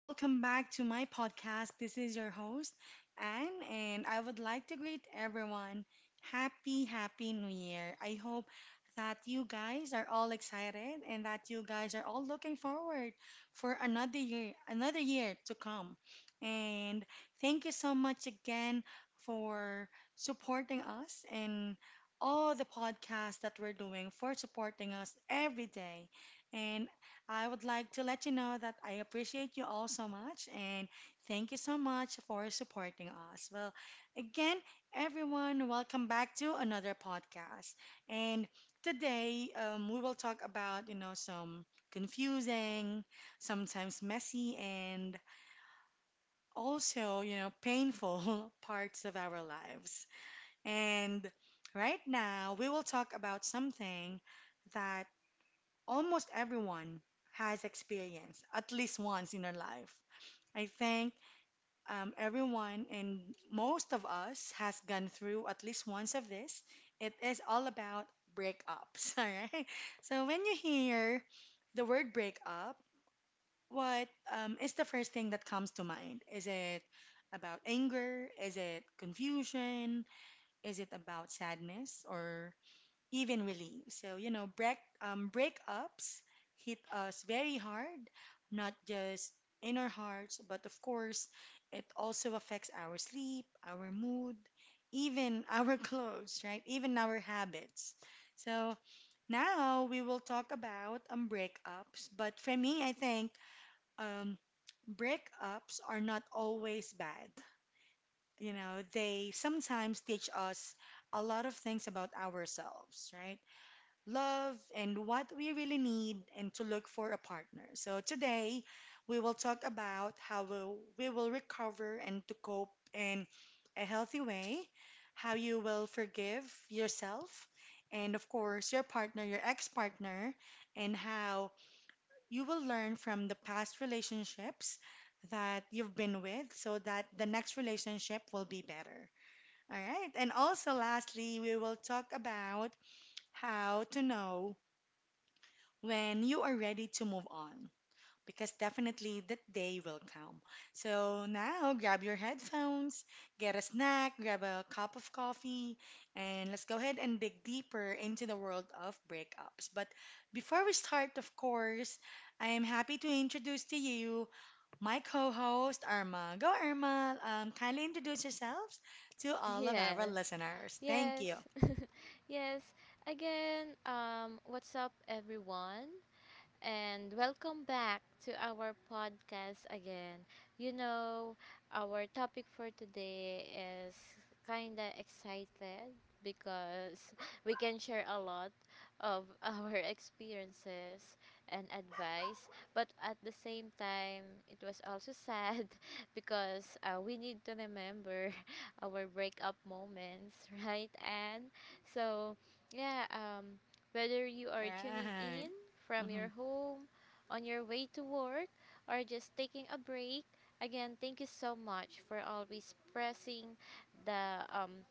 welcome back to my podcast. This is your host, Anne, and I would like to greet everyone. Happy new year. I hope that you guys are all excited and that you guys are all looking forward for another year to come. And thank you so much again for supporting us and all the podcasts that we're doing, for supporting us every day. And I would like to let you know that I appreciate you all so much and thank you so much for supporting us. Well, again, everyone, welcome back to another podcast. And today, we will talk about, some confusing, sometimes messy, and also, painful parts of our lives. And right now, we will talk about something that almost everyone has experienced at least once in their life. I think everyone and most of us has gone through at least once of this. It is all about breakups, all right? So when you hear the word breakup, what is the first thing that comes to mind? Is it about anger? Is it confusion? Is it about sadness or even relief. So, you know, breakups hit us very hard, not just in our hearts, but of course, it also affects our sleep, our mood, even our clothes, right? Even our habits. So now we will talk about breakups. But for me, I think um, breakups are not always bad. You know, they sometimes teach us a lot of things about ourselves, right? Love and what we really need and to look for a partner. So today we will talk about how we will recover and to cope in a healthy way, how you will forgive yourself and of course your partner, your ex-partner and how you will learn from the past relationships that you've been with so that the next relationship will be better. All right. And also, lastly, we will talk about how to know when you are ready to move on, because definitely that day will come. So now grab your headphones, get a snack, grab a cup of coffee, and let's go ahead and dig deeper into the world of breakups. But before we start, of course, I am happy to introduce to you my co host, Irma. Go, Irma. Kindly introduce yourselves to all of our Yes. listeners. Thank Yes. you. Yes. Again, what's up, everyone? And welcome back to our podcast again. You know, our topic for today is kind of excited because we can share a lot of our experiences and advice, but at the same time, it was also sad because we need to remember our breakup moments, right? And so, yeah, whether you are tuning Right. in from your home, on your way to work, or just taking a break. Again, thank you so much for always pressing the um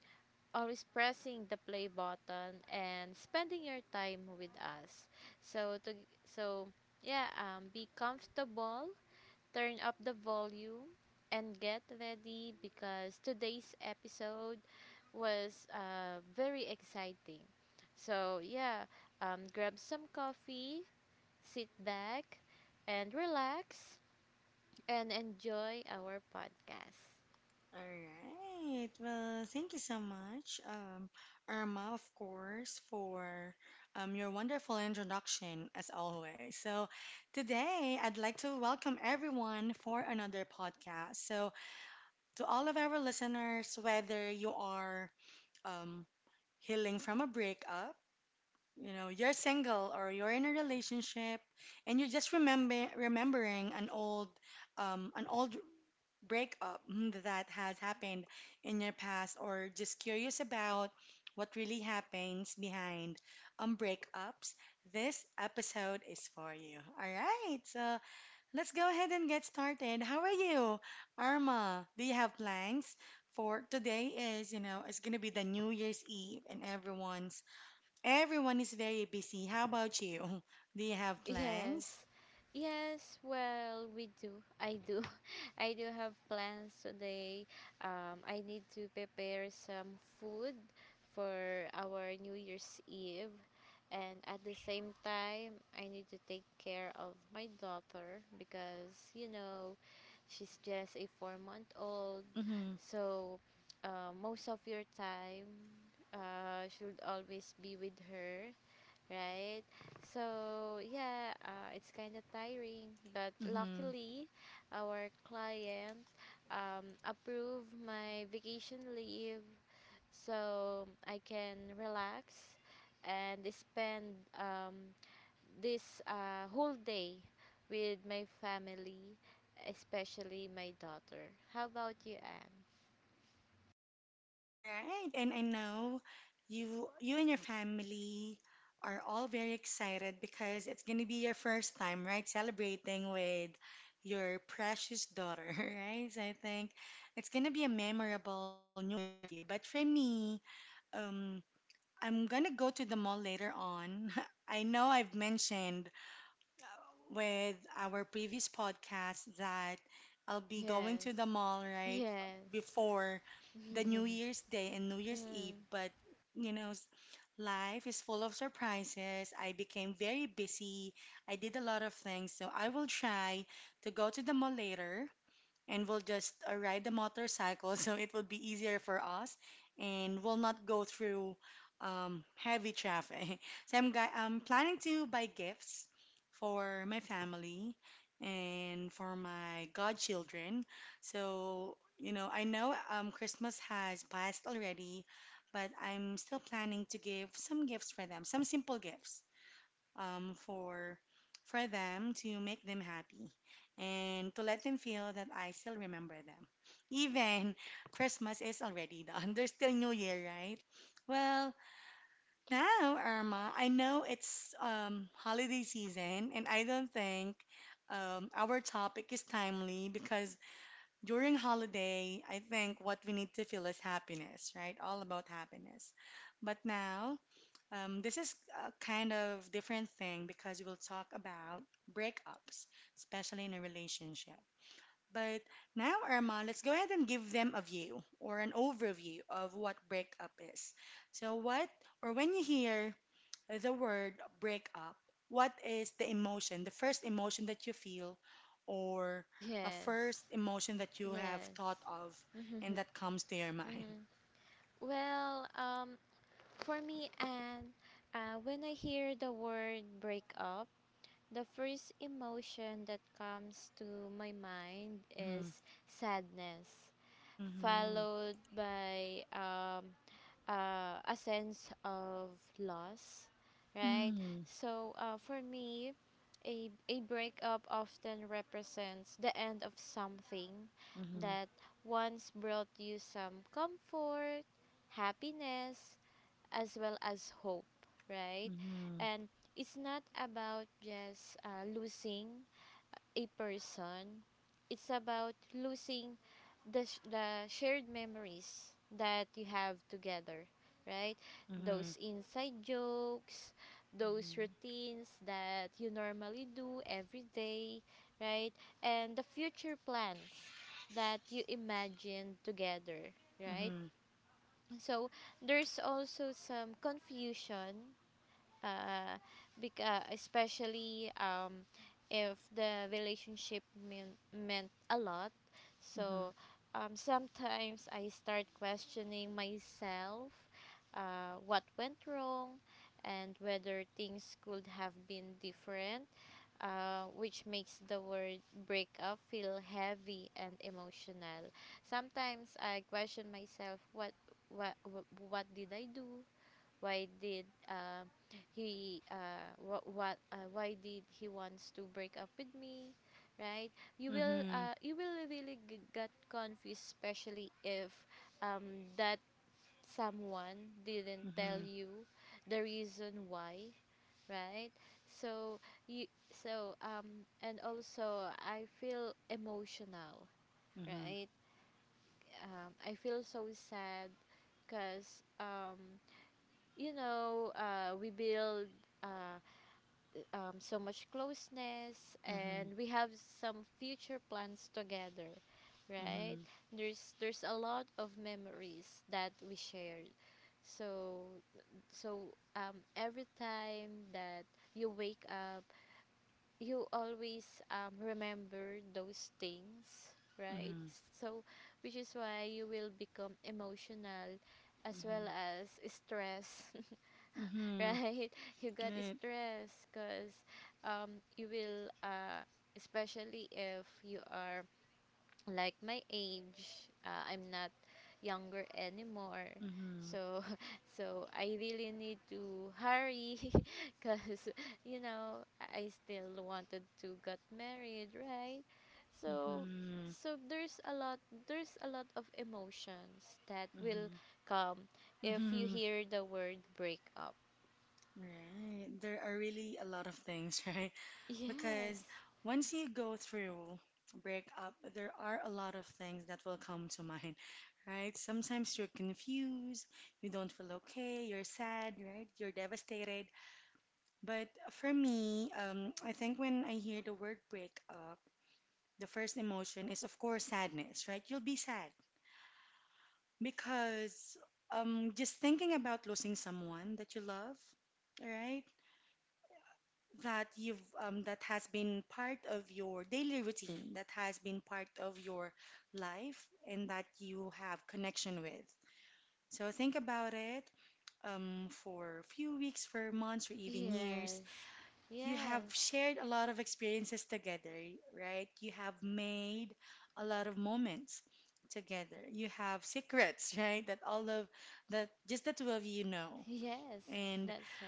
the play button and spending your time with us. So to so yeah, be comfortable, turn up the volume and get ready because today's episode was very exciting. So yeah, grab some coffee, sit back and relax and enjoy our podcast. All right. Well, thank you so much, Irma, of course, for your wonderful introduction as always. So, today I'd like to welcome everyone for another podcast. So, to all of our listeners, whether you are um, healing from a breakup, you know, you're single or you're in a relationship, and you're just remembering an old, um, an old breakup that has happened in your past or just curious about what really happens behind breakups, this episode is for you. All right, so let's go ahead and get started. How are you, Arma? Do you have plans? For today is, you know, it's gonna be the New Year's Eve and everyone is very busy. How about you? Do you have plans? Yes. Yes, well, we do. I do. I do have plans today. I need to prepare some food for our New Year's Eve. And at the same time, I need to take care of my daughter because, you know, she's just a 4-month old. Mm-hmm. So, most of your time should always be with her, right? So yeah, it's kind of tiring, but Mm-hmm. luckily, our client approved my vacation leave, so I can relax and spend this whole day with my family, especially my daughter. How about you, Anne? Right, and I know you and your family are all very excited because it's gonna be your first time, right? Celebrating with your precious daughter, right? So I think it's gonna be a memorable new year for you. But for me, um, I'm gonna go to the mall later on. I know I've mentioned with our previous podcast that I'll be going to the Yes, mall right yes, before the New Year's Day and New Year's Eve. mm, But you know, life is full of surprises. I became very busy. I did a lot of things, so I will try to go to the mall later and we'll just ride the motorcycle so it will be easier for us and we'll not go through heavy traffic. So I'm planning to buy gifts for my family and for my godchildren. So, you know, I know Christmas has passed already, but I'm still planning to give some gifts for them, some simple gifts um, for for them to make them happy and to let them feel that I still remember them. Even Christmas is already done. There's still New Year, right? Well, now, Irma, I know it's holiday season, and I don't think our topic is timely because during holiday, I think what we need to feel is happiness, right? All about happiness. But now, this is a kind of different thing because we'll talk about breakups, especially in a relationship. But now, Irma, let's go ahead and give them a view or an overview of what breakup is. So, what or when you hear the word breakup, what is the emotion, the first emotion that you feel, or a yes. first emotion that you have Yes. thought of and that comes to your mind? Hmm. Well, for me, and when I hear the word breakup, the first emotion that comes to my mind is sadness, Mm-hmm. followed by a sense of loss, right? Mm-hmm. So for me, a breakup often represents the end of something Mm-hmm. that once brought you some comfort, happiness, as well as hope, right? Mm-hmm. And it's not about just losing a person. It's about losing the shared memories that you have together, right? Those Mhm. inside jokes, those Mhm. routines that you normally do every day, right? And the future plans that you imagine together, right? Mhm. So there's also some confusion, uh, especially if the relationship meant a lot. So Mhm. Sometimes I start questioning myself, what went wrong, and whether things could have been different, which makes the word breakup feel heavy and emotional. Sometimes I question myself, what what did I do? Why did he what why did he wants to break up with me, right? You will Mhm. uh, you will really get confused, especially if that someone didn't tell Mhm. you the reason why, right? So and also I feel emotional, right? I feel so sad because we build uh, so much closeness Mhm. and we have some future plans together, Mhm. right? Mhm. There's a lot of memories that we shared. So so every time that you wake up, you always remember those things, right? Mhm. So which is why you will become emotional as well Mhm. as stressed Mhm. right? You got Right. stressed because um, you will, uh, especially if you are like my age, I'm not younger anymore. Mhm. So, so I really need to hurry because, you know, I still wanted to get married, right? So, Mhm. so there's a lot of emotions that will Mhm. come if you Mhm. hear the word breakup. Right. There are really a lot of things, right? Because Yes, once you go through a breakup, there are a lot of things that will come to mind, right? Sometimes you're confused, you don't feel okay, you're sad, right? You're devastated. But for me, I think when I hear the word breakup, the first emotion is, of course, sadness, right? You'll be sad because just thinking about losing someone that you love, right? That you've that has been part of your daily routine, that has been part of your life, and that you have connection with. So think about it for a few weeks, for months, or even years yes, you have yes, shared a lot of experiences together, right? You have made a lot of moments together. You have secrets, right? That all of that just the two of you know. yes, And that's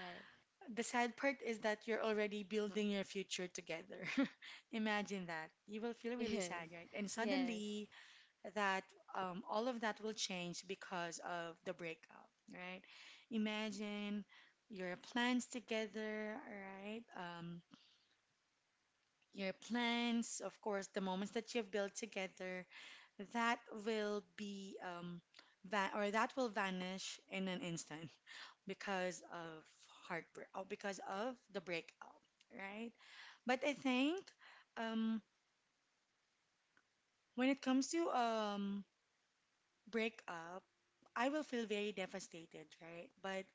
the sad part is that you're already building your future together. Imagine that. You will feel really right. sad, right? And Yes, suddenly that all of that will change because of the breakup, right? Imagine your plans together, right? Your plans, of course, the moments that you've built together, that will be va or that will vanish in an instant because of heartbreak, or because of the breakup, right? But I think um, when it comes to breakup, I will feel very devastated, right? But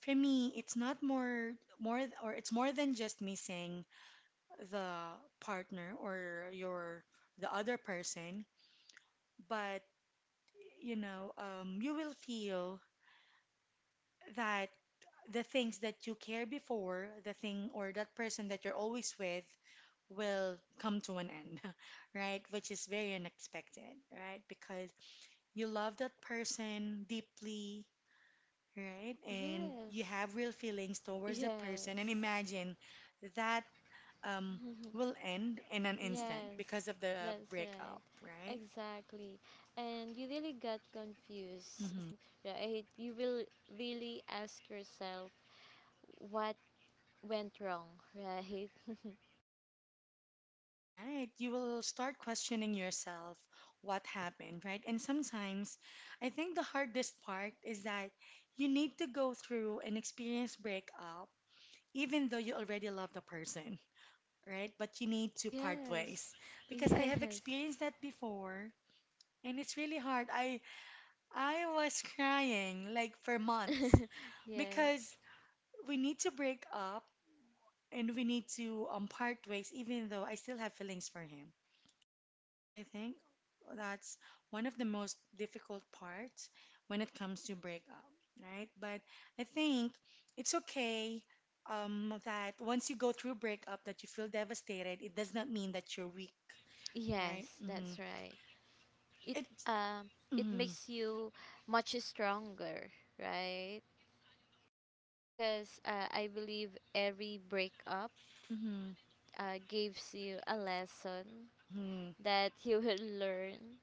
for me, it's not more th- or it's more than just missing the partner or your the other person. But, you know, you will feel that the things that you care before, the thing or that person that you're always with, will come to an end, right? Which is very unexpected, right? Because you love that person deeply, right? And you yes, have real feelings towards the person. And yes, imagine that um, yes, will end in an instant yes, because of the that's right. breakup, right? Exactly. And you really got confused, Mhm. right? You will really ask yourself what went wrong, right? Right. You will start questioning yourself what happened, right? And sometimes I think the hardest part is that you need to go through an experience breakup, even though you already love the person, right? But you need to part Yes, ways because I have yes, experienced that before and it's really hard. I was crying like for months yes, because we need to break up and we need to part ways even though I still have feelings for him. So I think that's one of the most difficult parts when it comes to breakup, right? But I think it's okay that once you go through breakup that you feel devastated, it does not mean that you're weak, right? yes, Mm-hmm. that's right. it It's um it mm-hmm, makes you much stronger, right, because I believe every breakup mm-hmm, gives you a lesson mm-hmm. that you will learn,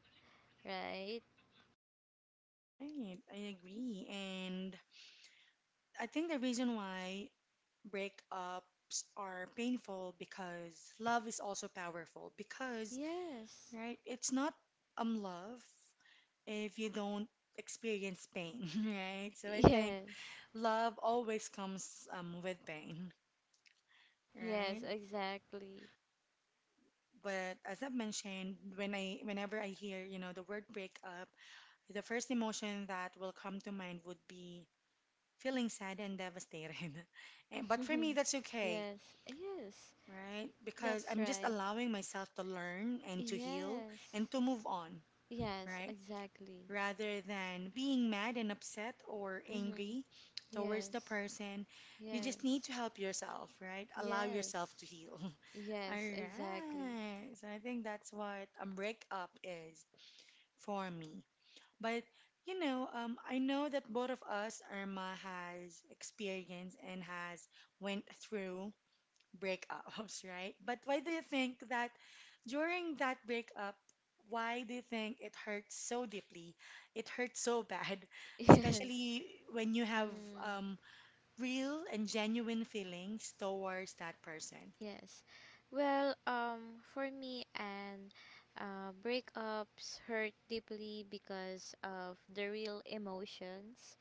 right. Right, I agree. And I think the reason why breakups are painful because love is also powerful because, Yes. right, it's not love. If you don't experience pain, right? So I think Yes, love always comes with pain, yes, right? exactly. But as I've mentioned, whenever I hear, you know, the word breakup, the first emotion that will come to mind would be feeling sad and devastated. And, but for me, that's okay, Yes, yes, right? Because that's I'm just right. allowing myself to learn and to heal Yes, and to move on, yes, right? exactly. Rather than being mad and upset or Mhm. angry towards the Yes, person. You just need yes, to help yourself, right? Allow yourself yes. to heal. All Yes, exactly. right. So I think that's what a breakup is for me. But you know, I know that both of us, Irma, has experienced and has went through breakups, right? But why do you think that during that breakup, why do you think it hurts so deeply? It hurts so bad, Yes. especially when you have Mm, um, real and genuine feelings towards that person. yes. Well, for me, and breakups hurt deeply because of the real emotions,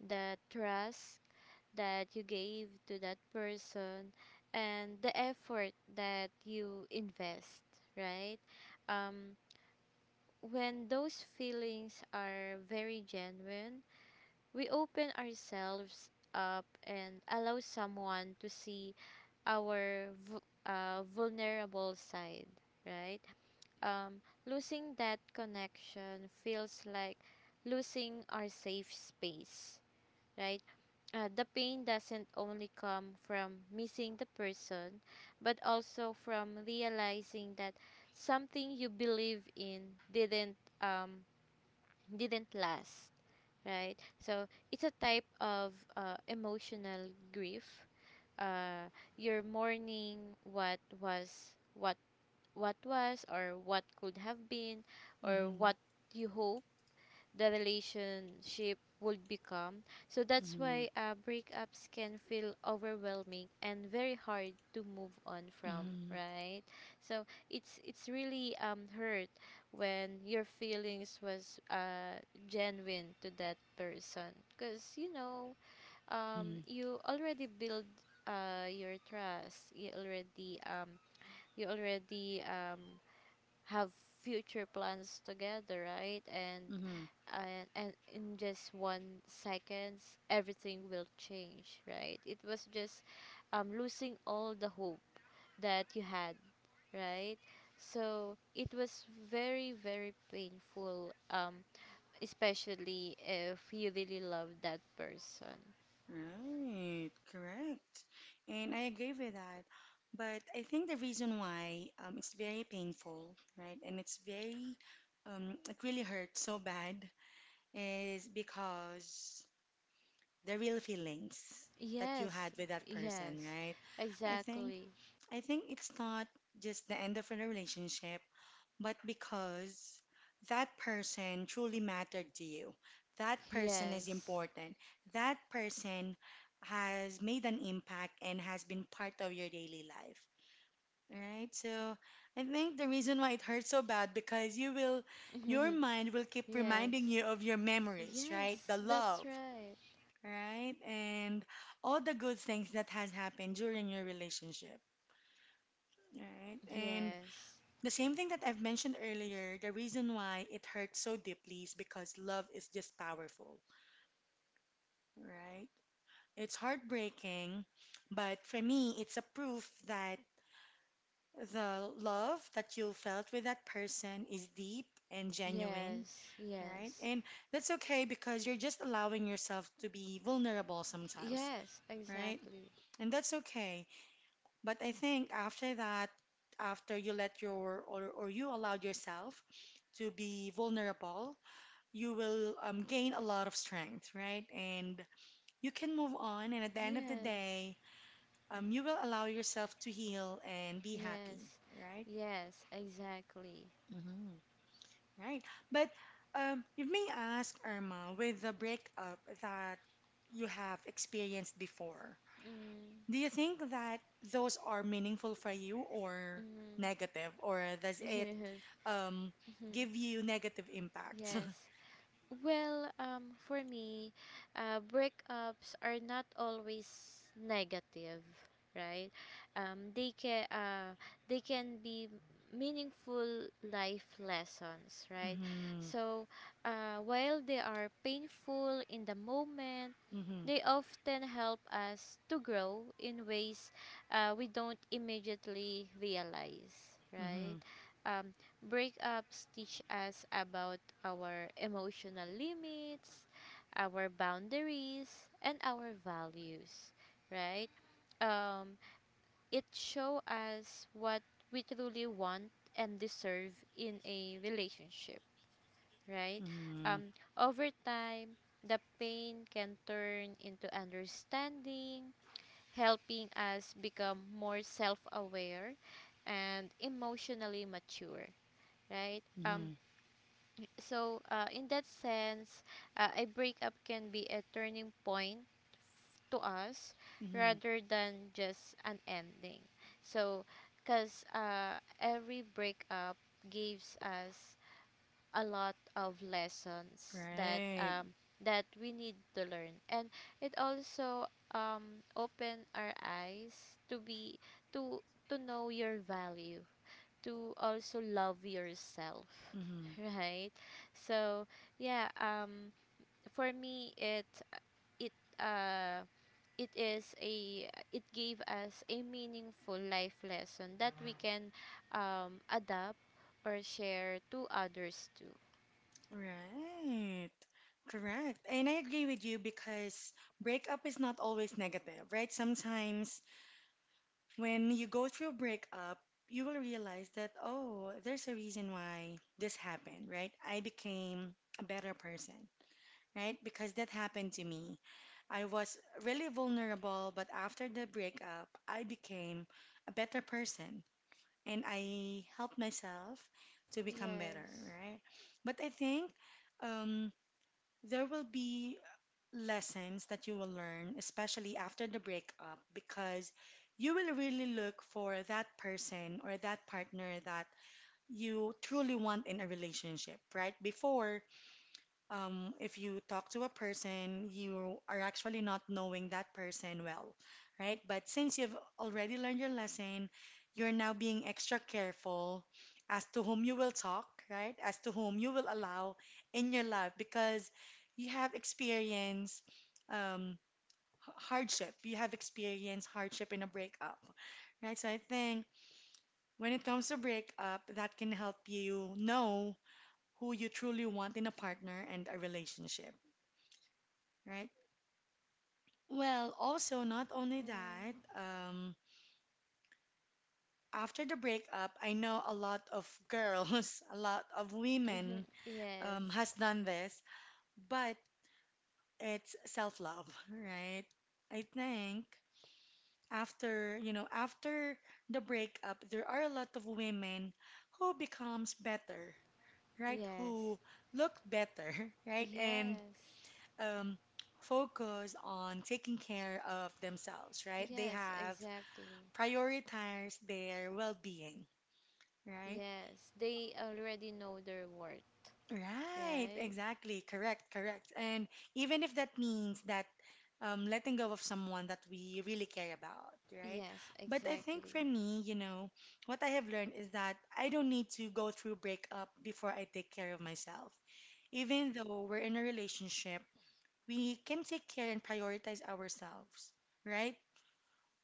the trust that you gave to that person, and the effort that you invest, right? Um, when those feelings are very genuine, we open ourselves up and allow someone to see our vulnerable side, right? Losing that connection feels like losing our safe space, right? The pain doesn't only come from missing the person, but also from realizing that something you believe in didn't um, didn't last, right? So it's a type of emotional grief, uh your morning what was, or what could have been, or Mm-hmm, what you hope the relationship would become. So that's mm-hmm, why breakups can feel overwhelming and very hard to move on from, mm-hmm, right? So it's really hurt when your feelings was genuine to that person. Because, mm-hmm, you already build your trust, you already you already um have future plans together, right? and mm-hmm. and, and in just 1 seconds everything will change, right? It was just losing all the hope that you had, right? So it was very very painful, especially if you really love that person. Right, correct. And I agree with that. But I think the reason why it's very painful, right? And it's very, it really hurts so bad is because the real feelings that you Yes, had with that person, yes, right? I think exactly. I think it's not just the end of a relationship, but because that person truly mattered to you. That person is Yes. important. That person has made an impact and has been part of your daily life, right? So I think the reason why it hurts so bad because your mind will keep Yes, reminding you of your memories, yes, right? The that's love, right. right? And all the good things that has happened during your relationship, right? And Yes, the same thing that I've mentioned earlier, the reason why it hurts so deeply is because love is just powerful, right? It's heartbreaking, but for me, it's a proof that the love that you felt with that person is deep and genuine, yes, right? yes, And that's okay because you're just allowing yourself to be vulnerable sometimes, yes, right? exactly. And that's okay. But I think after that, after you let your or you allowed yourself to be vulnerable, you will gain a lot of strength, right? And you can move on. And at the end of the Yes, day, you will allow yourself to heal and be happy, yes, right? yes, exactly. Mm-hmm. Right. But you may ask, Irma, with the breakup that you have experienced before, Mm, do you think that those are meaningful for you or mm, negative, or does it um, yes, give you negative impact? yes. Well, for me, breakups are not always negative, right? Um, they can uh, they can be meaningful life lessons, right? Mm-hmm. So, while they are painful in the moment, Mm-hmm. they often help us to grow in ways we don't immediately realize, Mm-hmm. right? Um, breakups teach us about our emotional limits, our boundaries, and our values, right? Um, it show us what we truly want and deserve in a relationship, right? Mm-hmm. Um, over time, the pain can turn into understanding, helping us become more self aware and emotionally mature, right? Mm-hmm. So, in that sense, a breakup can be a turning point to us Mm-hmm. rather than just an ending. So, because every breakup gives us a lot of lessons that Right. We need to learn, and it also open our eyes to to know your value, to also love yourself, Mm-hmm. right? So yeah, for me, it uh it is a it gave us a meaningful life lesson that we can adapt or share to others too. Right. Correct. And I agree with you because breakup is not always negative, right? Sometimes when you go through a breakup, you will realize that, oh, there's a reason why this happened, right? I became a better person, right? Because that happened to me. I was really vulnerable, but after the breakup, I became a better person and I helped myself to become better, Yes. right? But I think um, there will be lessons that you will learn, especially after the breakup, because you will really look for that person or that partner that you truly want in a relationship, right? Before, if you talk to a person, you are actually not knowing that person well, right? But since you've already learned your lesson, you're now being extra careful as to whom you will talk, right? As to whom you will allow in your life because you have experienced um, hardship. You have experienced hardship in a breakup, right? So I think when it comes to breakup, that can help you know who you truly want in a partner and a relationship. Right. Well, also not only Mm. that, after the breakup, I know a lot of girls, a lot of Mhm. women, Yes. Has done this, but it's self-love, right? I think after, you know, after the breakup, there are a lot of women who becomes better, right? Yes. Who look better, right? And Yes. um, focus on taking care of themselves, right? They Yes, have exactly. prioritize their well-being, right? Yes. They already know their worth, Right, right? exactly. Correct, correct. And even if that means that letting go of someone that we really care about, right? Yes, But I think exactly. for me, you know, what I have learned is that I don't need to go through breakup before I take care of myself. Even though we're in a relationship, we can take care and prioritize ourselves, right?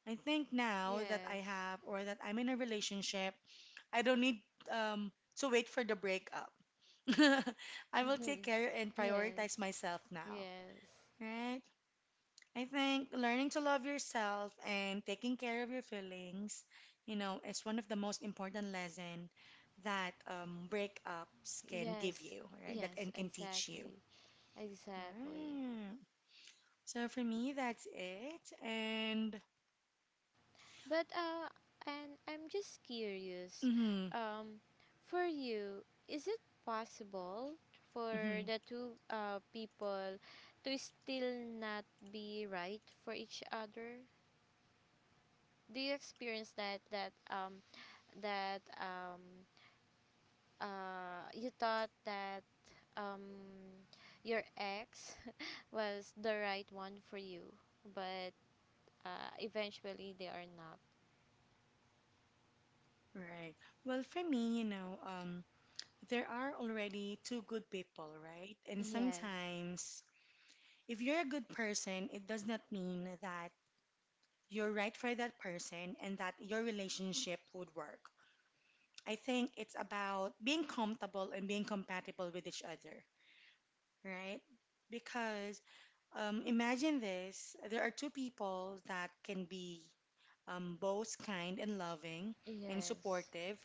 I think now that I Yes. have or that I'm in a relationship, I don't need um, to wait for the breakup. I will take care and Yes. prioritize myself now, Yes. right? I think learning to love yourself and taking care of your feelings, you know, is one of the most important lesson that breakups can give Yes. you, right? That Yes, and can teach you. exactly. Exactly. Right. So for me, that's it. And But and I'm just curious, mm-hmm, um, for you, is it possible for mm-hmm, the two people to still not be right for each other? Do you experience that that um you thought that um your ex was the right one for you, but eventually they are not. right. Well, for me, you know, there are already two good people, right? And Yes. sometimes, if you're a good person, it does not mean that you're right for that person and that your relationship would work. I think it's about being comfortable and being compatible with each other right? Because imagine this there are two people that can be both kind and loving and Yes. supportive,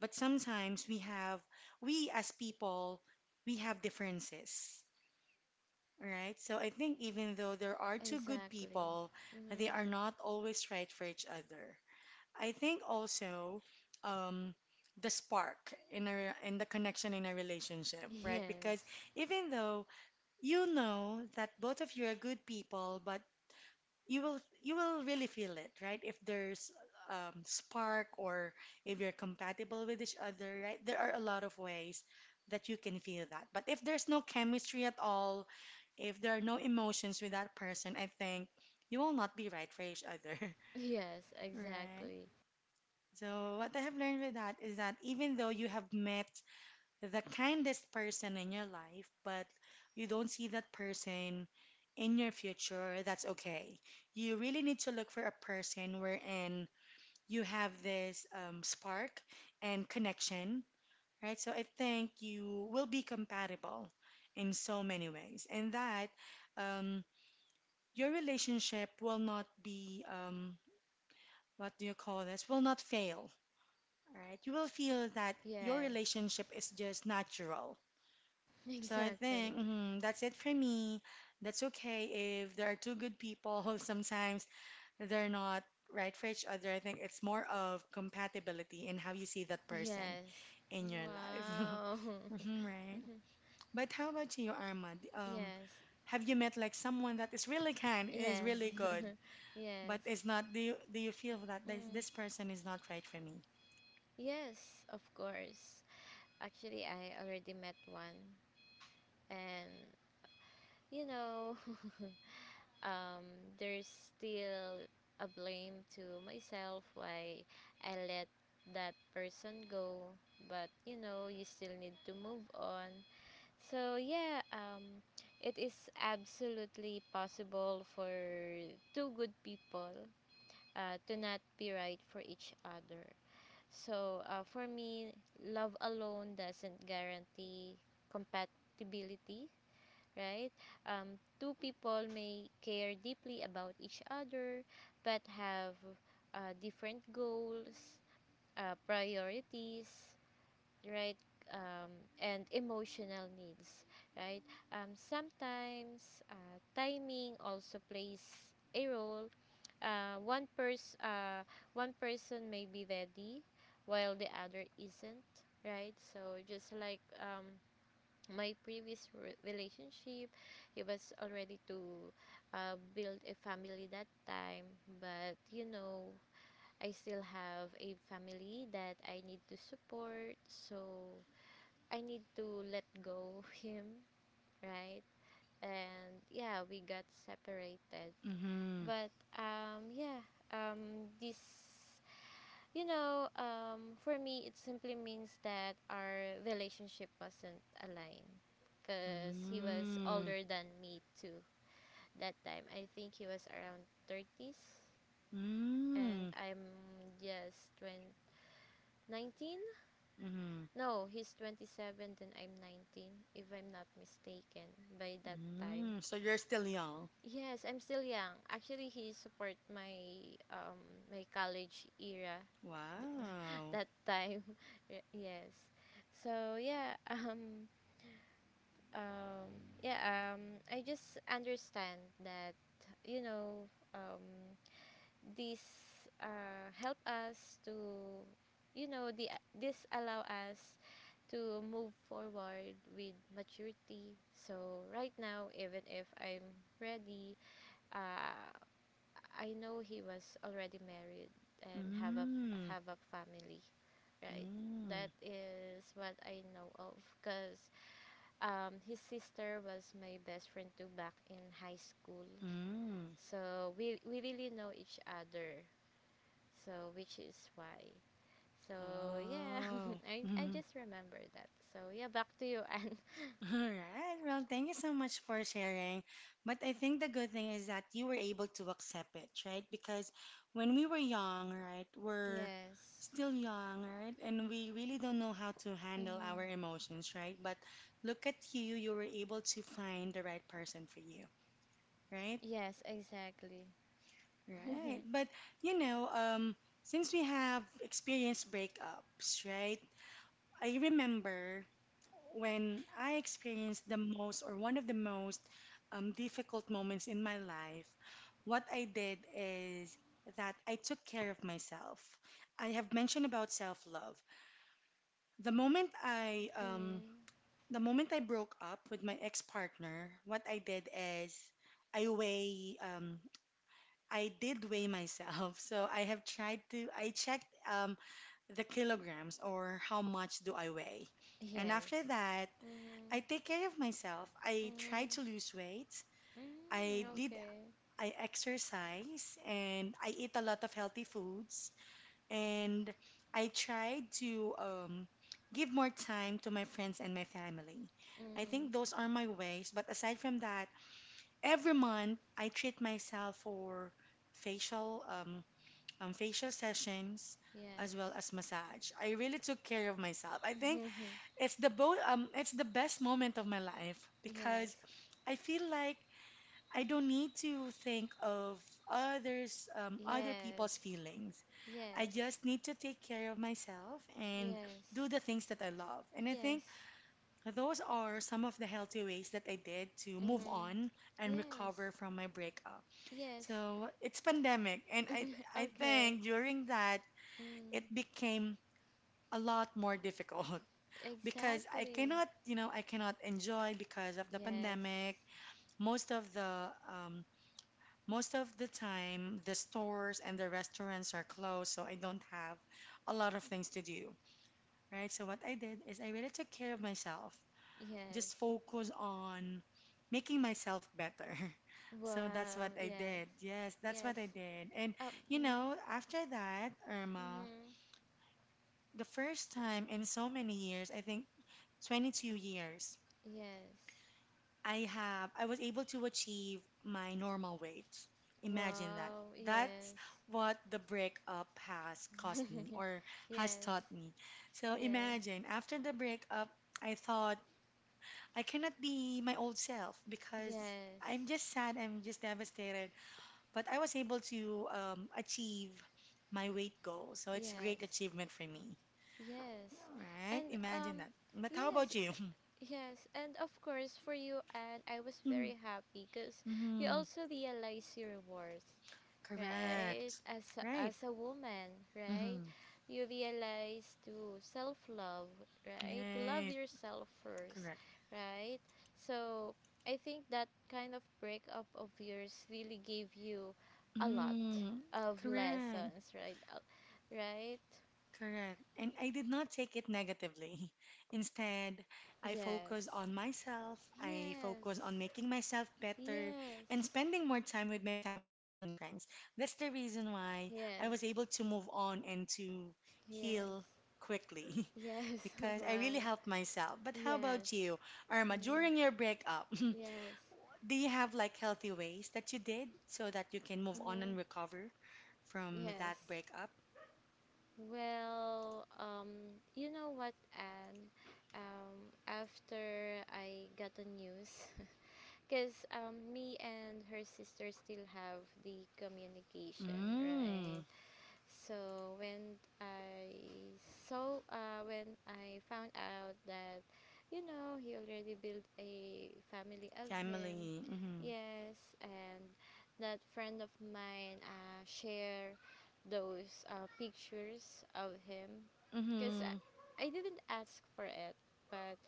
but we as people, we have differences, right? So I think even though there are two good Exactly. people, they Mm-hmm. are not always right for each other. I think also um, the spark in a in the connection in a relationship, right? Because Yes. even though you know that both of you are good people, but you will really feel it, right? If there's spark or if you're compatible with each other, right? There are a lot of ways that you can feel that. But if there's no chemistry at all, if there are no emotions with that person, I think you will not be right for each other, Yes, right? exactly. So what I have learned with that is that even though you have met the kindest person in your life, but you don't see that person in your future, that's okay. You really need to look for a person wherein you have this spark and connection, right? So I think you will be compatible in so many ways, and that um, your relationship will not be, what do you call this, will not fail, right? You will feel that your Yes. relationship is just natural. So I think Exactly. mhm, that's it for me. That's okay if there are two good people who sometimes they're not right for each other. I think it's more of compatibility in how you see that person Yes. in your life. Wow. Hmm, right. Mhm. But how about you, Armand? Yes. Have you met like someone that is really kind, is Yes. really good, Yes. but is not, do you feel that Mm. this person is not right for me? Yes, of course. Actually, I already met one, and you know um, there's still a blame to myself why I let that person go. But you know, you still need to move on. So yeah, it is absolutely possible for two good people to not be right for each other. So for me, love alone doesn't guarantee compatibility, right? Two people may care deeply about each other but have different goals, priorities, right? Um, and emotional needs, right? Sometimes timing also plays a role. Uh, one person, uh, one person may be ready, while the other isn't, right? So just like my previous relationship, he was already to build a family that time, but I still have a family that I need to support, so I need to let go him, right? And yeah, we got separated, Mm-hmm. but yeah, this for me, it simply means that our relationship wasn't aligned. Because he was Mm-hmm. older than me too, that time. I think he was around 30s, and Mm-hmm. I'm just 20, 19. No, he's 27 and I'm 19, if I'm not mistaken, by that time. Mm-hmm. So you're still young. Yes, I'm still young. Actually, he support my college era Wow. that time. Yes. So yeah, um yeah, um I just understand that, you know, um this help us to, the this allow us to move forward with maturity. So right now, even if I'm ready, uh I know he was already married and have a Mm. have a family, right? Mm. That is what I know of, because his sister was my best friend too, back in high school. Mm. So we really know each other. So, which is why. So, yeah, Oh. I Mhm. just remember that. So, yeah, back to you, Anne. All right. Well, thank you so much for sharing. But I think the good thing is that you were able to accept it, right? Because when we were young, right, we're Yes. still young, right? And we really don't know how to handle our Mm, emotions, right? But look at you, you were able to find the right person for you, right? yes, exactly. Right. Mm, But you know, since we have experienced breakups, right? I remember when I experienced the most or one of the most difficult moments in my life, what I did is that I took care of myself. I have mentioned about self-love. The moment I um, the moment I broke up with my ex-partner, what I did is I weigh um, I did weigh myself, so I have tried to. I checked the kilograms or how much do I weigh. And yes. after that, Mm-hmm. I take care of myself. I try Mm-hmm. to lose weight. Mm, I did. okay. I exercise and I eat a lot of healthy foods. And I tried to give more time to my friends and my family. I think Mm, those are my ways. But aside from that, every month I treat myself for facial um, facial sessions, as well yes. as massage. I really took care of myself. I think it's the best moment of my life Yes. because I feel like I don't need to think of others, other people's Yes. feelings. I Yes. just need to take care of myself and Yes. do the things that I love. And I think Yes. those are some of the healthy ways that I did to move Mm. on and Yes. recover from my breakup. Yes. So it's pandemic, and I Okay. think during that it Mm. became a lot more difficult because I Exactly. cannot, you know, I cannot enjoy because of the Yes. pandemic. Most of the um, most of the time, the stores and the restaurants are closed, so I don't have a lot of things to do, right? So what I did is I really took care of myself, Yes. just focus on making myself better. So that's what Wow. I Yes. did. Yes, that's Yes. what I did. And you know, Mm. after that, Irma, Hmm, the first time in so many years, I think 22 years, yes. I was able to achieve my normal weight. Imagine that. Wow. That's Yes. what the breakup has cost me or has yes. taught me. So Yes. imagine after the breakup, I thought I cannot be my old self because Yes. I'm just sad, I'm just devastated, but I was able to achieve my weight goal. So it's a great Yes. achievement for me. Yes. All right, And imagine um that. But how yes, about you? Yes, and of course for you and I was Mhm. very happy because you Mhm. also realize your worth, right? Correct. As a, Right. as a woman, right? Mm-hmm. You realize to self love, right? To love Right. yourself first, Correct. right? So I think that kind of breakup of yours really gave you a lot Mm, of correct. lessons, right? Right? Correct. And I did not take it negatively. Instead, I Yes. focus on myself. I Yes, focus on making myself better and yes, spending more time with my family and friends. That's the reason why I was yes, able to move on and to yes, heal quickly yes, because I really well, helped myself. But how yes, about you, Irma, mm, during your breakup? yes, Do you have like healthy ways that you did so that you can move on and mm, recover from that yes. breakup? Well, you know what, Anne? After I got the news, because me and her sister still have the communication, right? Mm, So when I found out that, he already built a family of him. family. Mm-hmm. Yes, and that friend of mine share those pictures of him, because Mm-hmm. I didn't ask for it, but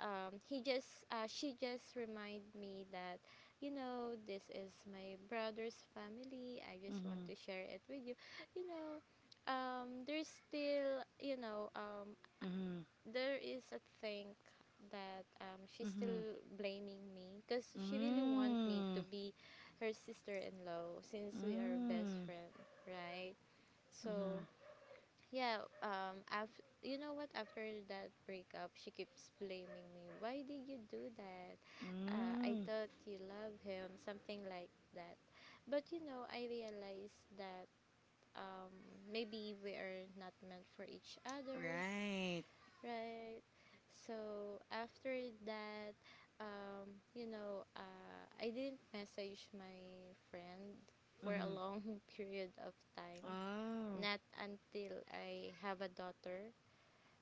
he just she just reminded me that you know, this is my brother's family. I just want Mm-hmm. to share it with you. You know There's still, Mm-hmm. there is a thing that, she's Mm-hmm. still blaming me because she really want me to Mm. be her sister-in-law since we are best Mm. friend, right? So Mm-hmm. yeah, you know what, after that breakup she keeps blaming me. Why did you do that? I Mm. thought you love him, something like that. But, I realized that um maybe we are not meant for each other, Right. right? So after that, I didn't message my friend for a Mm-hmm. long period of time. Oh. Not until I have a daughter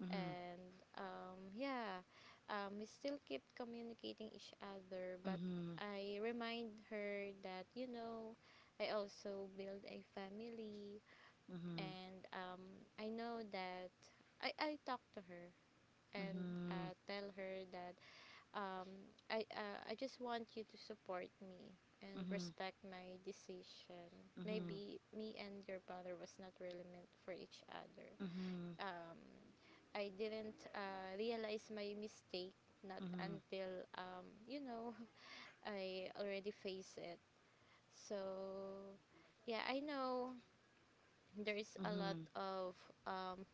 Mm-hmm. and, yeah, we still keep communicating each other. But Mm-hmm. I remind her that, I also build a family, Mm-hmm. and I know that I talk to her and tell her that, um, I just want you to support me and Mm-hmm. respect my decision. Mm-hmm. Maybe me and your brother was not really meant for each other. Mm-hmm. Mm-hmm. Um, I didn't realize my mistake not until, um, you know I already face it. So yeah, I know there's a Mm-hmm. lot Mm-hmm. of, um,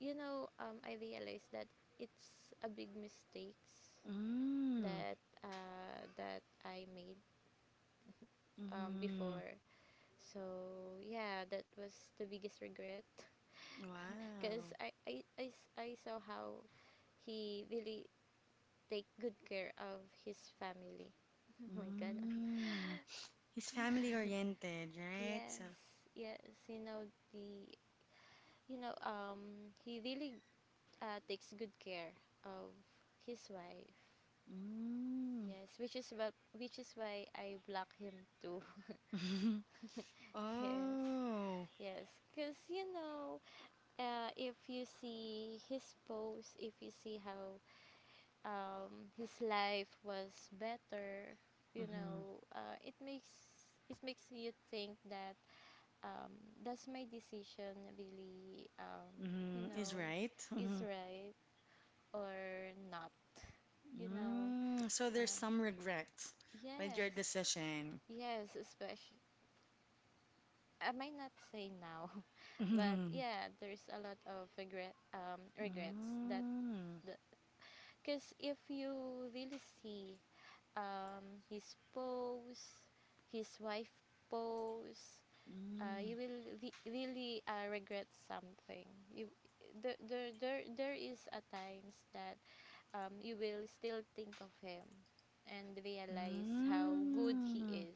I realized that it's a big mistakes Mm. that that I made, Mm-hmm. before. So yeah, that was the biggest regret because Wow. I saw how he really take good care of his family. Oh my God. Mm. He's family oriented, right? yes. So, Yes, you know the you know he really takes good care of his wife. mm. Yes, which is why I block him too. yes. Oh. Yes, cuz you know if you see his posts, if you see how, his life was better, Mm-hmm. It makes you think that, um, does my decision really, you Mm-hmm. Is know right. is Mm-hmm. right or not, you know Mm. So there's uh, some regret with your yes, decision. yes, especially I might not say now, but Mm. yeah, there's a lot of regret, regrets that, Mm. because if you really see, his pose, his wife pose. Uh, Mm. you will re- really regret something. You there, there there there is a times that, you will still think of him and realize how good he Mm. is,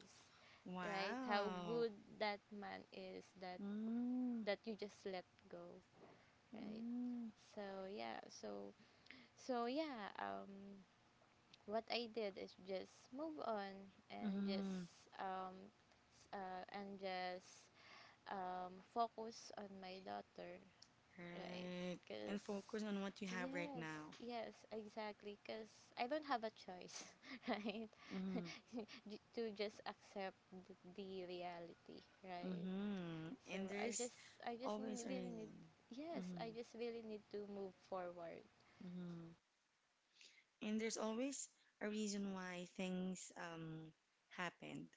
right? How Wow. good that man is that Mm. that you just let go, right? Mm. So yeah, so, so yeah, what I did is just move on and just, Mm. um s- uh, and just focus on my daughter, right? Right. Cuz And focus on what you have right yes, now. yes, exactly cuz I don't have a choice, right? Mm-hmm. To just accept the reality, right? Mm-hmm. So And there's I just n- always a really need reason. yes, I Mm-hmm. just really need to move forward. Mm-hmm. And there's always a reason why things happened,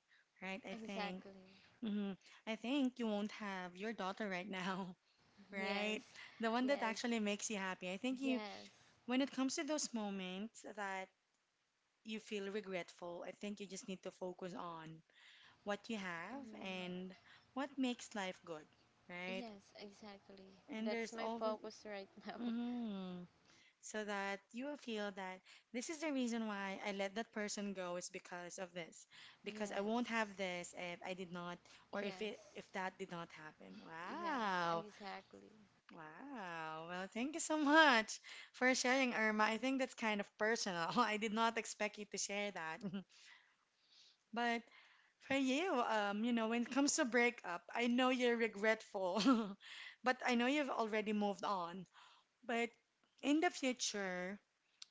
right? I think. Exactly. Mm-hmm. I think you won't have your daughter right now, Yes. right? The one that Yes. actually makes you happy. Yes. When it comes to those moments that you feel regretful, I think you just need to focus on what you have Mm, and what makes life good, right? yes, exactly. And That's there's my always. focus right now. Mm-hmm. So that you will feel that this is the reason why I let that person go is because of this, because I won't have Yes. this if I did not or Yes. if that did not happen. Yes, Wow. exactly. Wow. Well, thank you so much for sharing, Irma. I think that's kind of personal. I did not expect you to share that. But for you, you know, when it comes to breakup, I know you're regretful, but I know you've already moved on. But in the future,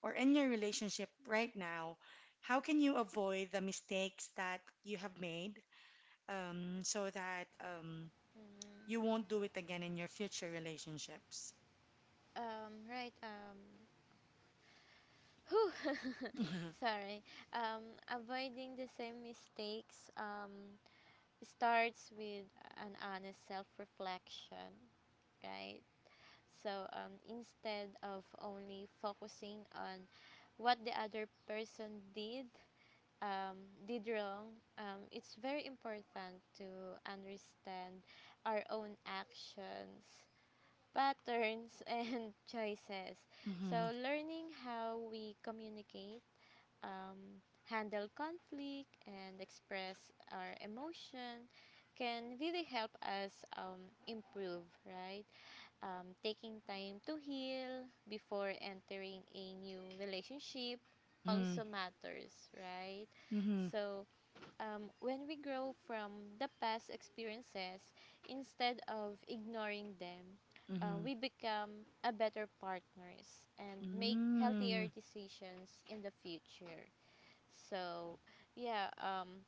or in your relationship right now, how can you avoid the mistakes that you have made so that you Mm. won't do it again in your future relationships? Right, whew. Mhm. Sorry. Avoiding the same mistakes, starts with an honest self reflection, right? So, instead of only focusing on what the other person um, did wrong, it's very important to understand our own actions, patterns, and choices. Mhm. So, learning how we communicate, handle conflict, and express our emotion can really help us, improve, right? Taking time to heal before entering a new relationship Mhm. also matters, right? Mhm. So, when we grow from the past experiences instead of ignoring them, Mhm. we become a better partners and make healthier Mm. decisions in the future. So, yeah, um,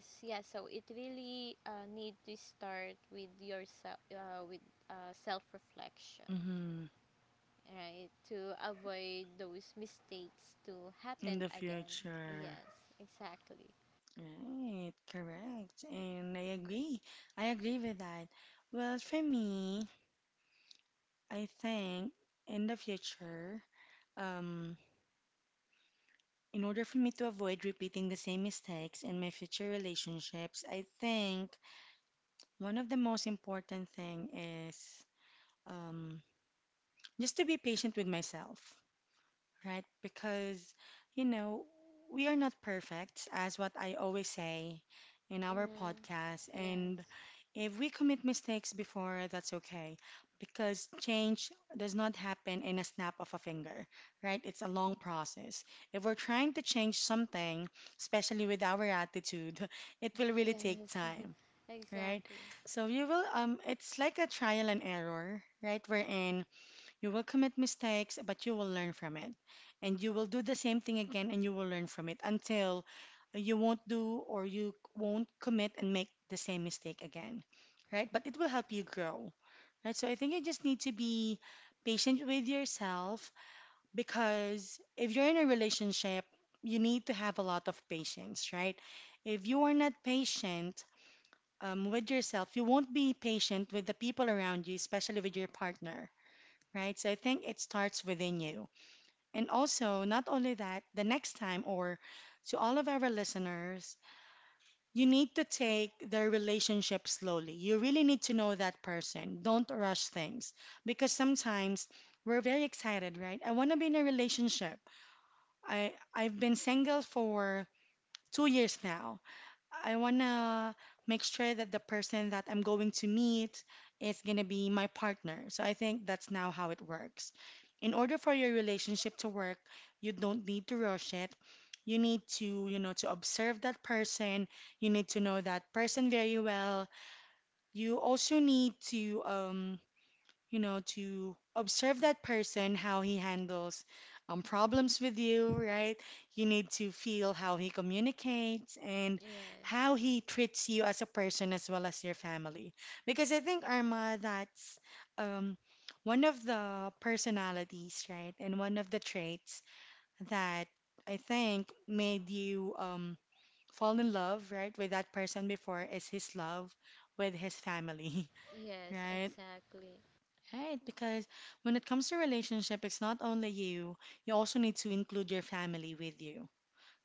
s- yeah. So it really need to start with yourself, with self reflection, Mhm. right? To avoid those mistakes to In happen the again. future. Yes, exactly. Right, correct. And I agree. I agree with that. Well, for me, I think in the future, um, in order for me to avoid repeating the same mistakes in my future relationships, I think one of the most important thing is um, just to be patient with myself right? Because, you know, we are not perfect, as what I always say in our Mm-hmm. podcast. And Yes. if we commit mistakes before, that's okay. Because change does not happen in a snap of a finger, right? It's a long process. If we're trying to change something, especially with our attitude, it will really take Yes, time, right? exactly. So you will, it's like a trial and error, right? Wherein you will commit mistakes, but you will learn from it. And you will do the same thing again and you will learn from it until you won't do or you won't commit and make the same mistake again, right? But it will help you grow, right? So I think you just need to be patient with yourself because if you're in a relationship, you need to have a lot of patience, right? If you are not patient, with yourself, you won't be patient with the people around you, especially with your partner right? So I think it starts within you. And also, not only that, the next time, or to all of our listeners, you need to take their relationship slowly. You really need to know that person. Don't rush things because sometimes we're very excited, right? I want to be in a relationship. I've been single for 2 years now. I wanna make sure that the person that I'm going to meet is gonna be my partner. So I think that's now how it works. In order for your relationship to work, you don't need to rush it. You need to, you know, to observe that person. You need to know that person very well. You also need to you know, to observe that person, how he handles problems with you, right? You need to feel how he communicates and how Yes, he treats you as a person as well as your family. Because I think, Arma, that's um, one of the personalities, right? And one of the traits that I think made you fall in love, right, with that person before is his love with his family, yes, right? exactly. Right, because when it comes to relationship, it's not only you, you also need to include your family with you,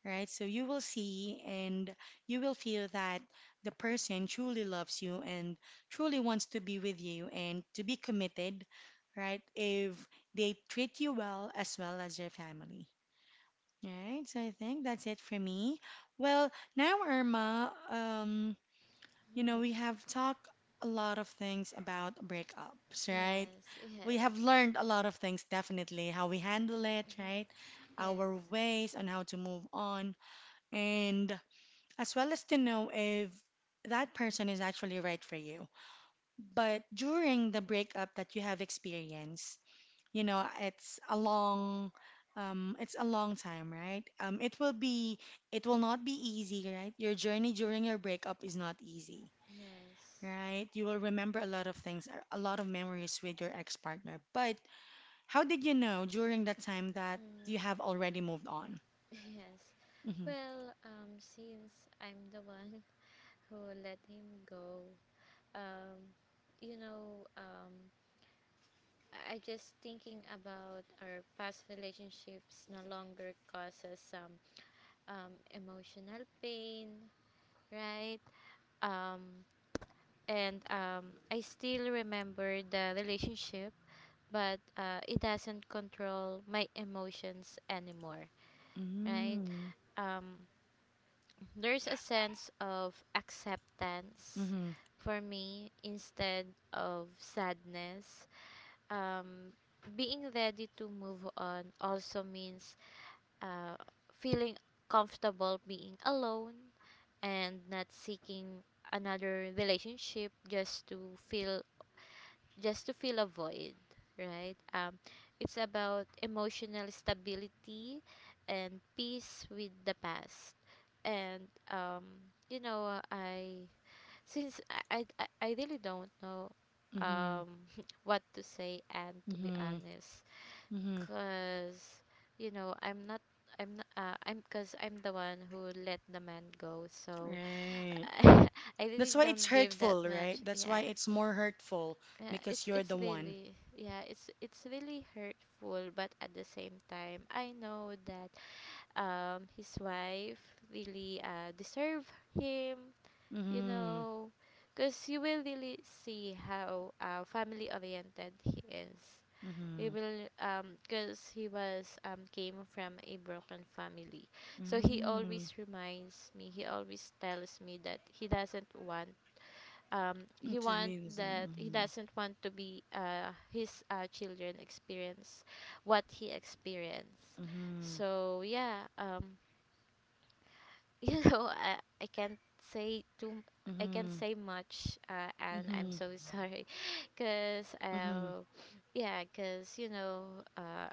right? So you will see and you will feel that the person truly loves you and truly wants to be with you and to be committed, right? If they treat you well as your family. Right, so I think that's it for me. Well, now Irma, you know, Mhm. we have talked a lot of things about breakups, right? Yes, We yes. have learned a lot of things, definitely, how we handle it, Mhm. right? Yes, Our ways on how to move on, and as well as to know if that person is actually right for you. But during the breakup that you have experienced, you know, it's a long time, right? It will not be easy, right? Your journey during your breakup is not easy. yes, Right, you will remember a lot of things, a lot of memories with your ex partner, but how did you know during that time that you mm, have already moved on? yes. Mm-hmm. Well, since I'm the one who let him go, um, you know, um, I just thinking about our past relationships no longer causes some emotional pain, right? Um, and I still remember the relationship, but it doesn't control my emotions anymore, right? Mm-hmm. Um, there's a sense of acceptance Mm-hmm. for me instead of sadness. Um, being ready to move on also means, uh, feeling comfortable being alone and not seeking another relationship, just to fill a void, right? It's about emotional stability and peace with the past. And, you know, I since I really don't know, Mm-hmm. um what to say, and to be Mm-hmm. honest, Mm-hmm. cause, I'm not. I'm not, I'm because I'm the one who let the man go, so Right. I really That's why it's don't give that hurtful, much. right? That's Yeah, why it's more hurtful yeah, because it's you're the one. really yeah, it's really hurtful, but at the same time, I know that his wife really deserve him, you Mm-hmm. know, because you will really see how family oriented he is. He Mm-hmm. will because he was came from a broken family, so he Mm-hmm. always reminds me, he always tells me that he doesn't want, To be with someone. To be his children experience what he experienced. Mm-hmm. So yeah, you know i, I can't say too I can't Mm-hmm. say much, and I'm Mm-hmm. so sorry because, Mm-hmm. Yeah, because you know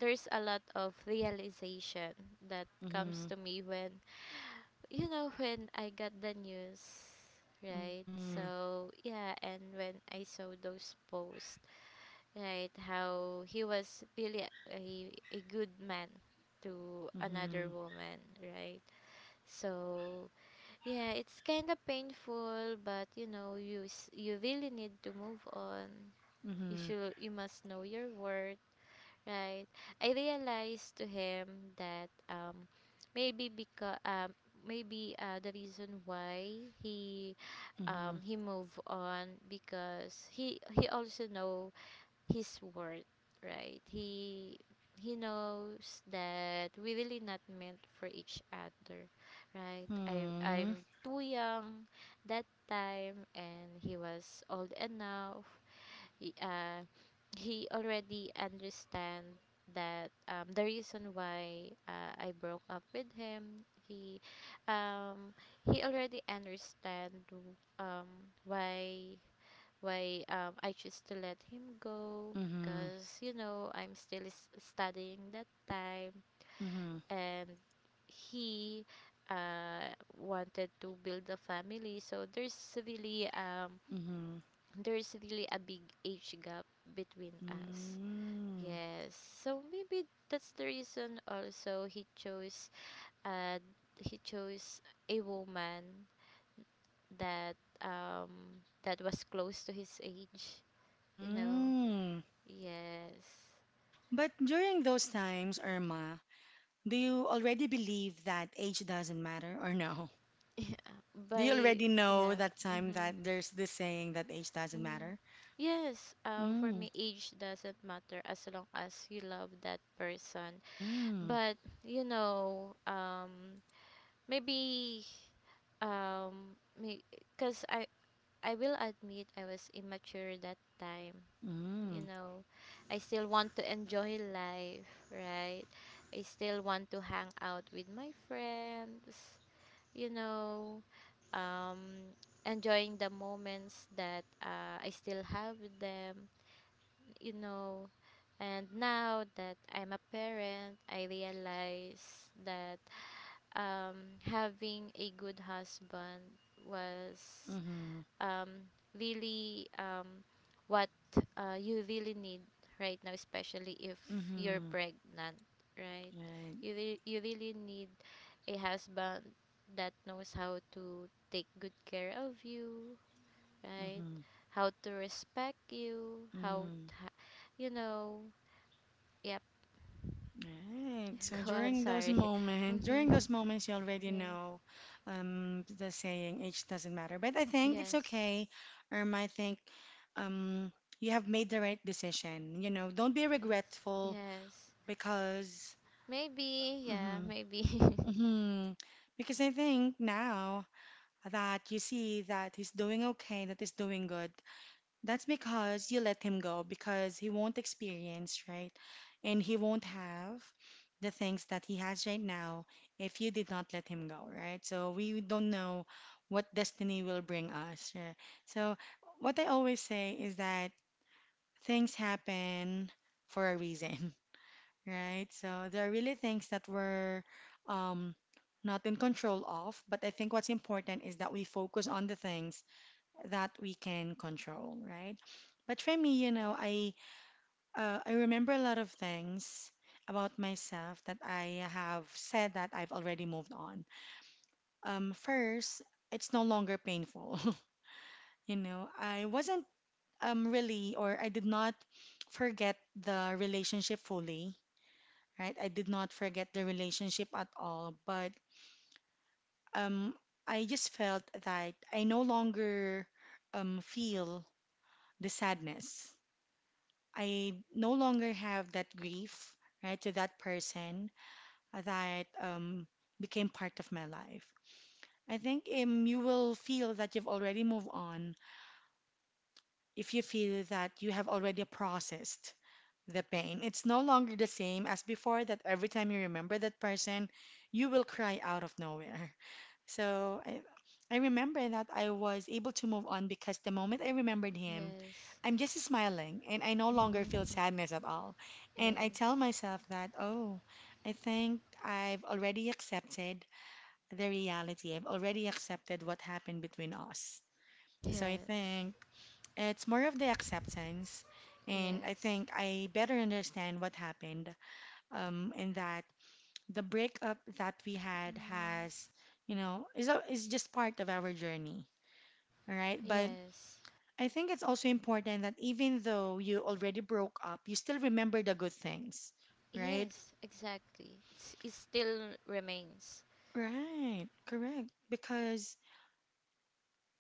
there's a lot of realization that comes Mm-hmm. to me when you know when I got the news, right? Mm-hmm. So yeah, and when I saw those posts, right, how he was really a good man to Mm-hmm. another Mm-hmm. woman, right? So yeah, it's kind of painful, but, you really need to move on. You Mm-hmm. should you must know your worth. Right. I realized to him that, maybe because maybe the reason why he, Mm-hmm. he moved on because he also know his worth, right? He knows that we really not meant for each other, right? I Mm-hmm. I'm too young that time and he was old enough. He, uh, he already understand that, the reason why, I broke up with him. He um, he already understand, um, why why I choose to let him go because, I'm still studying that time, Mm-hmm. and he wanted to build a family, so there's really, Mm-hmm. A big age gap between us. Mm. Yes. So maybe that's the reason also he chose, uh he chose a woman that, that was close to his age, you know. Mm. Yes. But during those times, Irma, do you already believe that age doesn't matter or no? Yeah. Do you By already know yeah. that time Mhm. that there's this saying that age doesn't Mhm. matter? Yes, for Mm. me, age doesn't matter as long as you love that person. Mm. But, you know, um, maybe, because I will admit I was immature that time. You Mm. know, I still want to enjoy life, right? I still want to hang out with my friends, you know, um enjoying the moments that, I still have with them, you know. And now that I'm a parent, I realize that, um, having a good husband was, Mm-hmm. um, really, what, you really need right now, especially if you're Mm-hmm. pregnant, right? Right. You really need a husband that knows how to take good care of you, right? Mm-hmm. How to respect you, how, Mm. t- you know, yep, Right. Go on, sorry. During Mhm. those moments, you already Yes, know the saying, age doesn't matter. But I think it's yes, okay. I think um, you have made the right decision. You know, don't be yes, regretful yes. because, Maybe, yeah, hmm maybe. hmm because I think now that you see that he's doing okay, that he's doing good, that's because you let him go because he won't experience, right? And he won't have the things that he has right now if you did not let him go, right? So we don't know what destiny will bring us. Right? So what I always say is that things happen for a reason, right? So there are really things that we're um, not in control of, but I think what's important is that we focus on the things that we can control, right? But for me, you know, I remember a lot of things about myself that I have said that I've already moved on. First, it's no longer painful. You know, I wasn't really or I did not forget the relationship fully, right? I did not forget the relationship at all, but um I just felt that um feel the sadness I no longer have that grief, right, to that person that became part of my life. I think you will feel that you've already moved on if you feel that you have already processed the pain. It's no longer the same as before that every time you remember that person, you will cry out of nowhere, so I remember that I was able to move on because the moment I remembered him, yes. I'm just smiling and I no longer feel Mm-hmm. sadness at all. And I tell Yes. myself that, oh, I think I've already accepted the reality. I've already accepted what happened between us. So I Yes. think it's more of the acceptance. And I Yes. think I better understand what happened and that the breakup that we had Mm-hmm. has, you know, is just part of our journey, all right? But Yes. I think it's also important that even though you already broke up, you still remember the good things, right? Yes, exactly. It's, it still remains. Right, correct. Because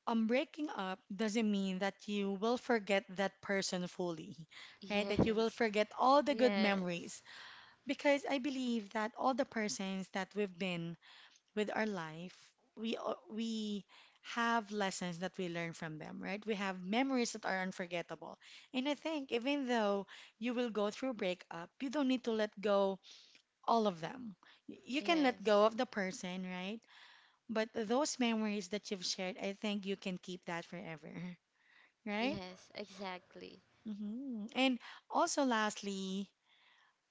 breaking up doesn't mean that you will forget that person fully, right? That you will Yes. forget all the good Yes. memories. Because I believe that all the persons that we've been with our life, we have lessons that we learn from them, right? We have memories that are unforgettable. And I think even though you will go through breakup, you don't need to let go all of them. You can let Yes. go of the person, right? But those memories that you've shared, I think you can keep that forever, right? Yes, exactly. And also lastly,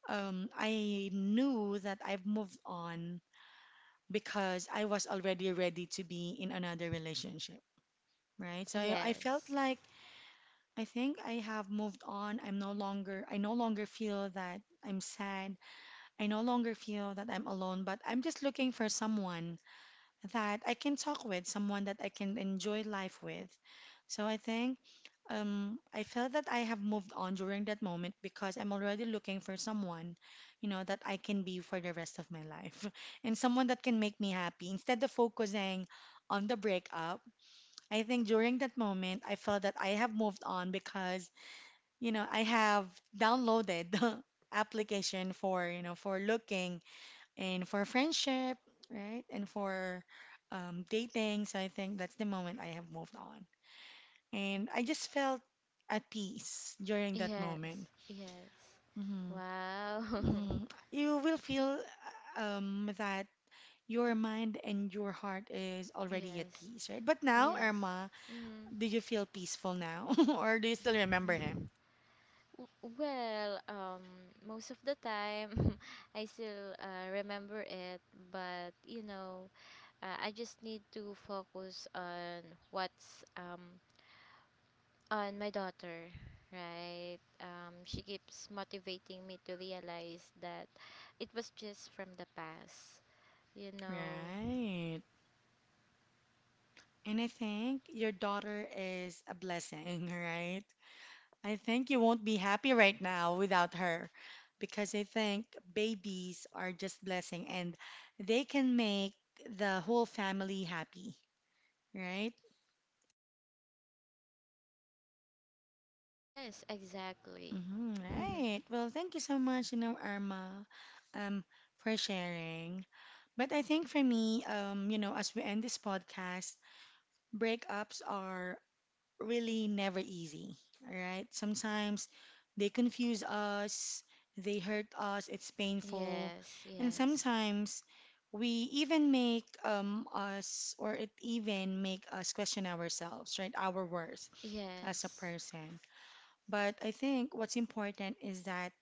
I knew that I've moved on because I was already ready to be in another relationship. Right? So I felt Yes. like I think I have moved on. I no longer feel that I'm sad. I no longer feel that I'm alone, but I'm just looking for someone that I can talk with, someone that I can enjoy life with. So I think I felt that I have moved on during that moment because I'm already looking for someone that I can be for the rest of my life and someone that can make me happy instead of focusing on the breakup. I think during that moment, I felt that I have moved on because I have downloaded the application for for looking and for friendship, right? And for dating. So I think that's the moment I have moved on. And I just felt at peace during that Yes. moment. Yes. Hmm. Wow. Hmm. You will feel that your mind and your heart is already at yes. peace, right? But now, Yes. Irma, Mm-hmm. do you feel peaceful now, or do you still remember him? Well, most of the time, I still, remember it, but, I just need to focus on, what's on my daughter, right? She keeps motivating me to realize that it was just from the past, you know. Right. And I think your daughter is a blessing, right? I think you won't be happy right now without her because I think babies are just blessing and they can make the whole family happy, right? Yes, exactly. Hmm. Right. Well, thank you so much, Irma, um, for sharing. But I think for me, as we end this podcast, breakups are really never easy, all right? Sometimes they confuse us, they hurt us, it's painful. yes, And yes, sometimes we even make us, or it even make us question ourselves, right? Our worth as a yes. person. But I think what's important is that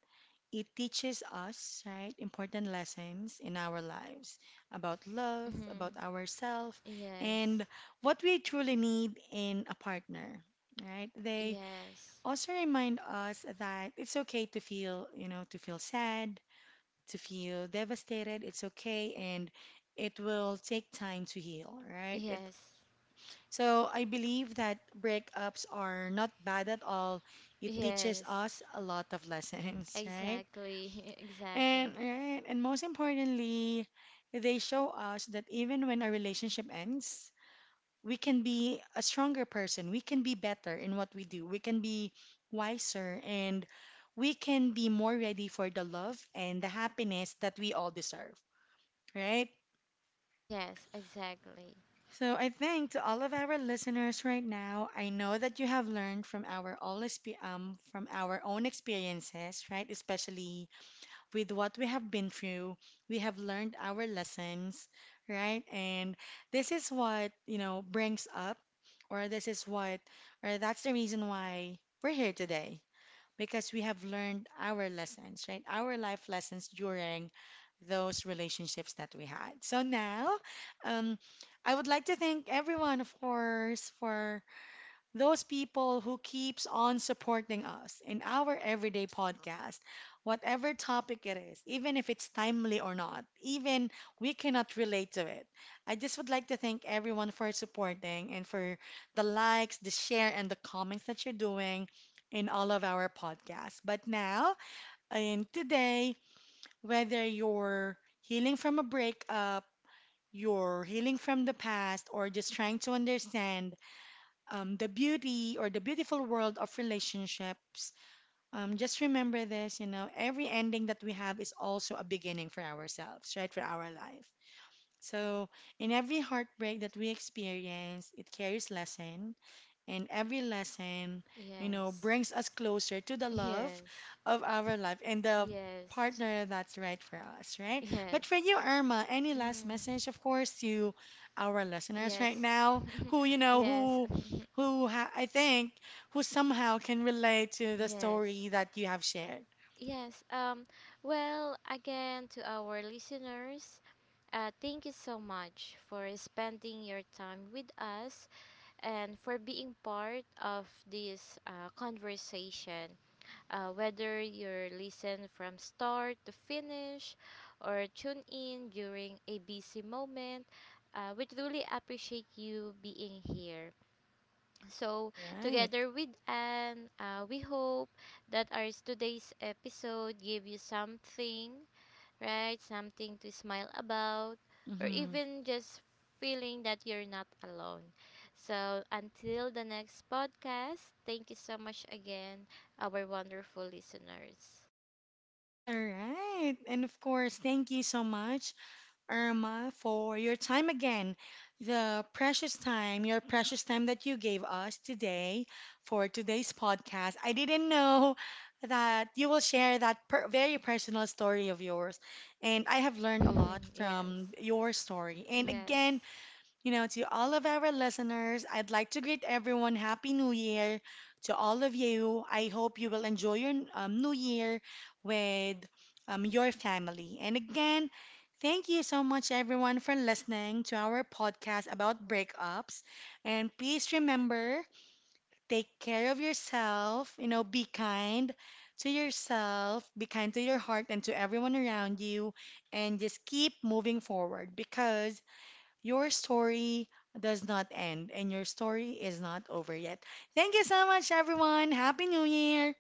it teaches us, right, important lessons in our lives about love, about Hmm, ourselves, yes, and what we truly need in a partner, right? They yes. also remind us that it's okay to feel, to feel sad, to feel devastated. It's okay, and it will take time to heal, right? It, Yes. so I believe that breakups are not bad at all. It teaches Yes. us a lot of lessons, right? Exactly. And exactly. right, and most importantly, they show us that even when a relationship ends, we can be a stronger person. We can be better in what we do. We can be wiser and we can be more ready for the love and the happiness that we all deserve, right? Yes, exactly. So I think to all of our listeners right now, I know that you have learned from from our own experiences, right? Especially with what we have been through. We have learned our lessons, right? And this is what brings up, or this is what, or that's the reason why we're here today. Because we have learned our lessons, right? Our life lessons during those relationships that we had. So now, um, I would like to thank everyone, of course, for those people who keeps on supporting us in our everyday podcast, whatever topic it is, even if it's timely or not, even we cannot relate to it. I just would like to thank everyone for supporting and for the likes, the share, and the comments that you're doing in all of our podcasts. But now, and today, whether you're healing from a breakup, you're healing from the past, or just trying to understand the beauty or the beautiful world of relationships. Just remember this, every ending that we have is also a beginning for ourselves, right? For our life. So, in every heartbreak that we experience, it carries lesson and every lesson, Yes. brings us closer to the love Yes. of our life and the Yes. partner that's right for us, right? But for Yes. you, Irma, any last Mm, message, of course, to our listeners right yes. now who, you know, yes. Who ha I think, who somehow can relate to the yes. story that you have shared. Yes. Well, again to our listeners, thank you so much for spending your time with us and for being part of this, conversation. Whether you're listen from start to finish or tune in during a busy moment, we truly appreciate you being here. So, Right. Right. together with Anne, we hope that our today's episode gave you something, right? Something to smile about, or Mm-hmm. even just feeling that you're not alone. So, until the next podcast, thank you so much again, our wonderful listeners. All right. And of course, thank you so much Irma, for your time again. The precious time, your precious time that you gave us today for today's podcast. I didn't know that you will share that per very personal story of yours, and I have learned a lot from yes, your story. And again, yes. you know, to all of our listeners, I'd like to greet everyone Happy New Year to all of you. I hope you will enjoy your New Year with your family. And again, thank you so much, everyone, for listening to our podcast about breakups. And please remember take care of yourself, be kind to yourself, be kind to your heart and to everyone around you, and just keep moving forward because your story does not end, and your story is not over yet. Thank you so much, everyone. Happy New Year!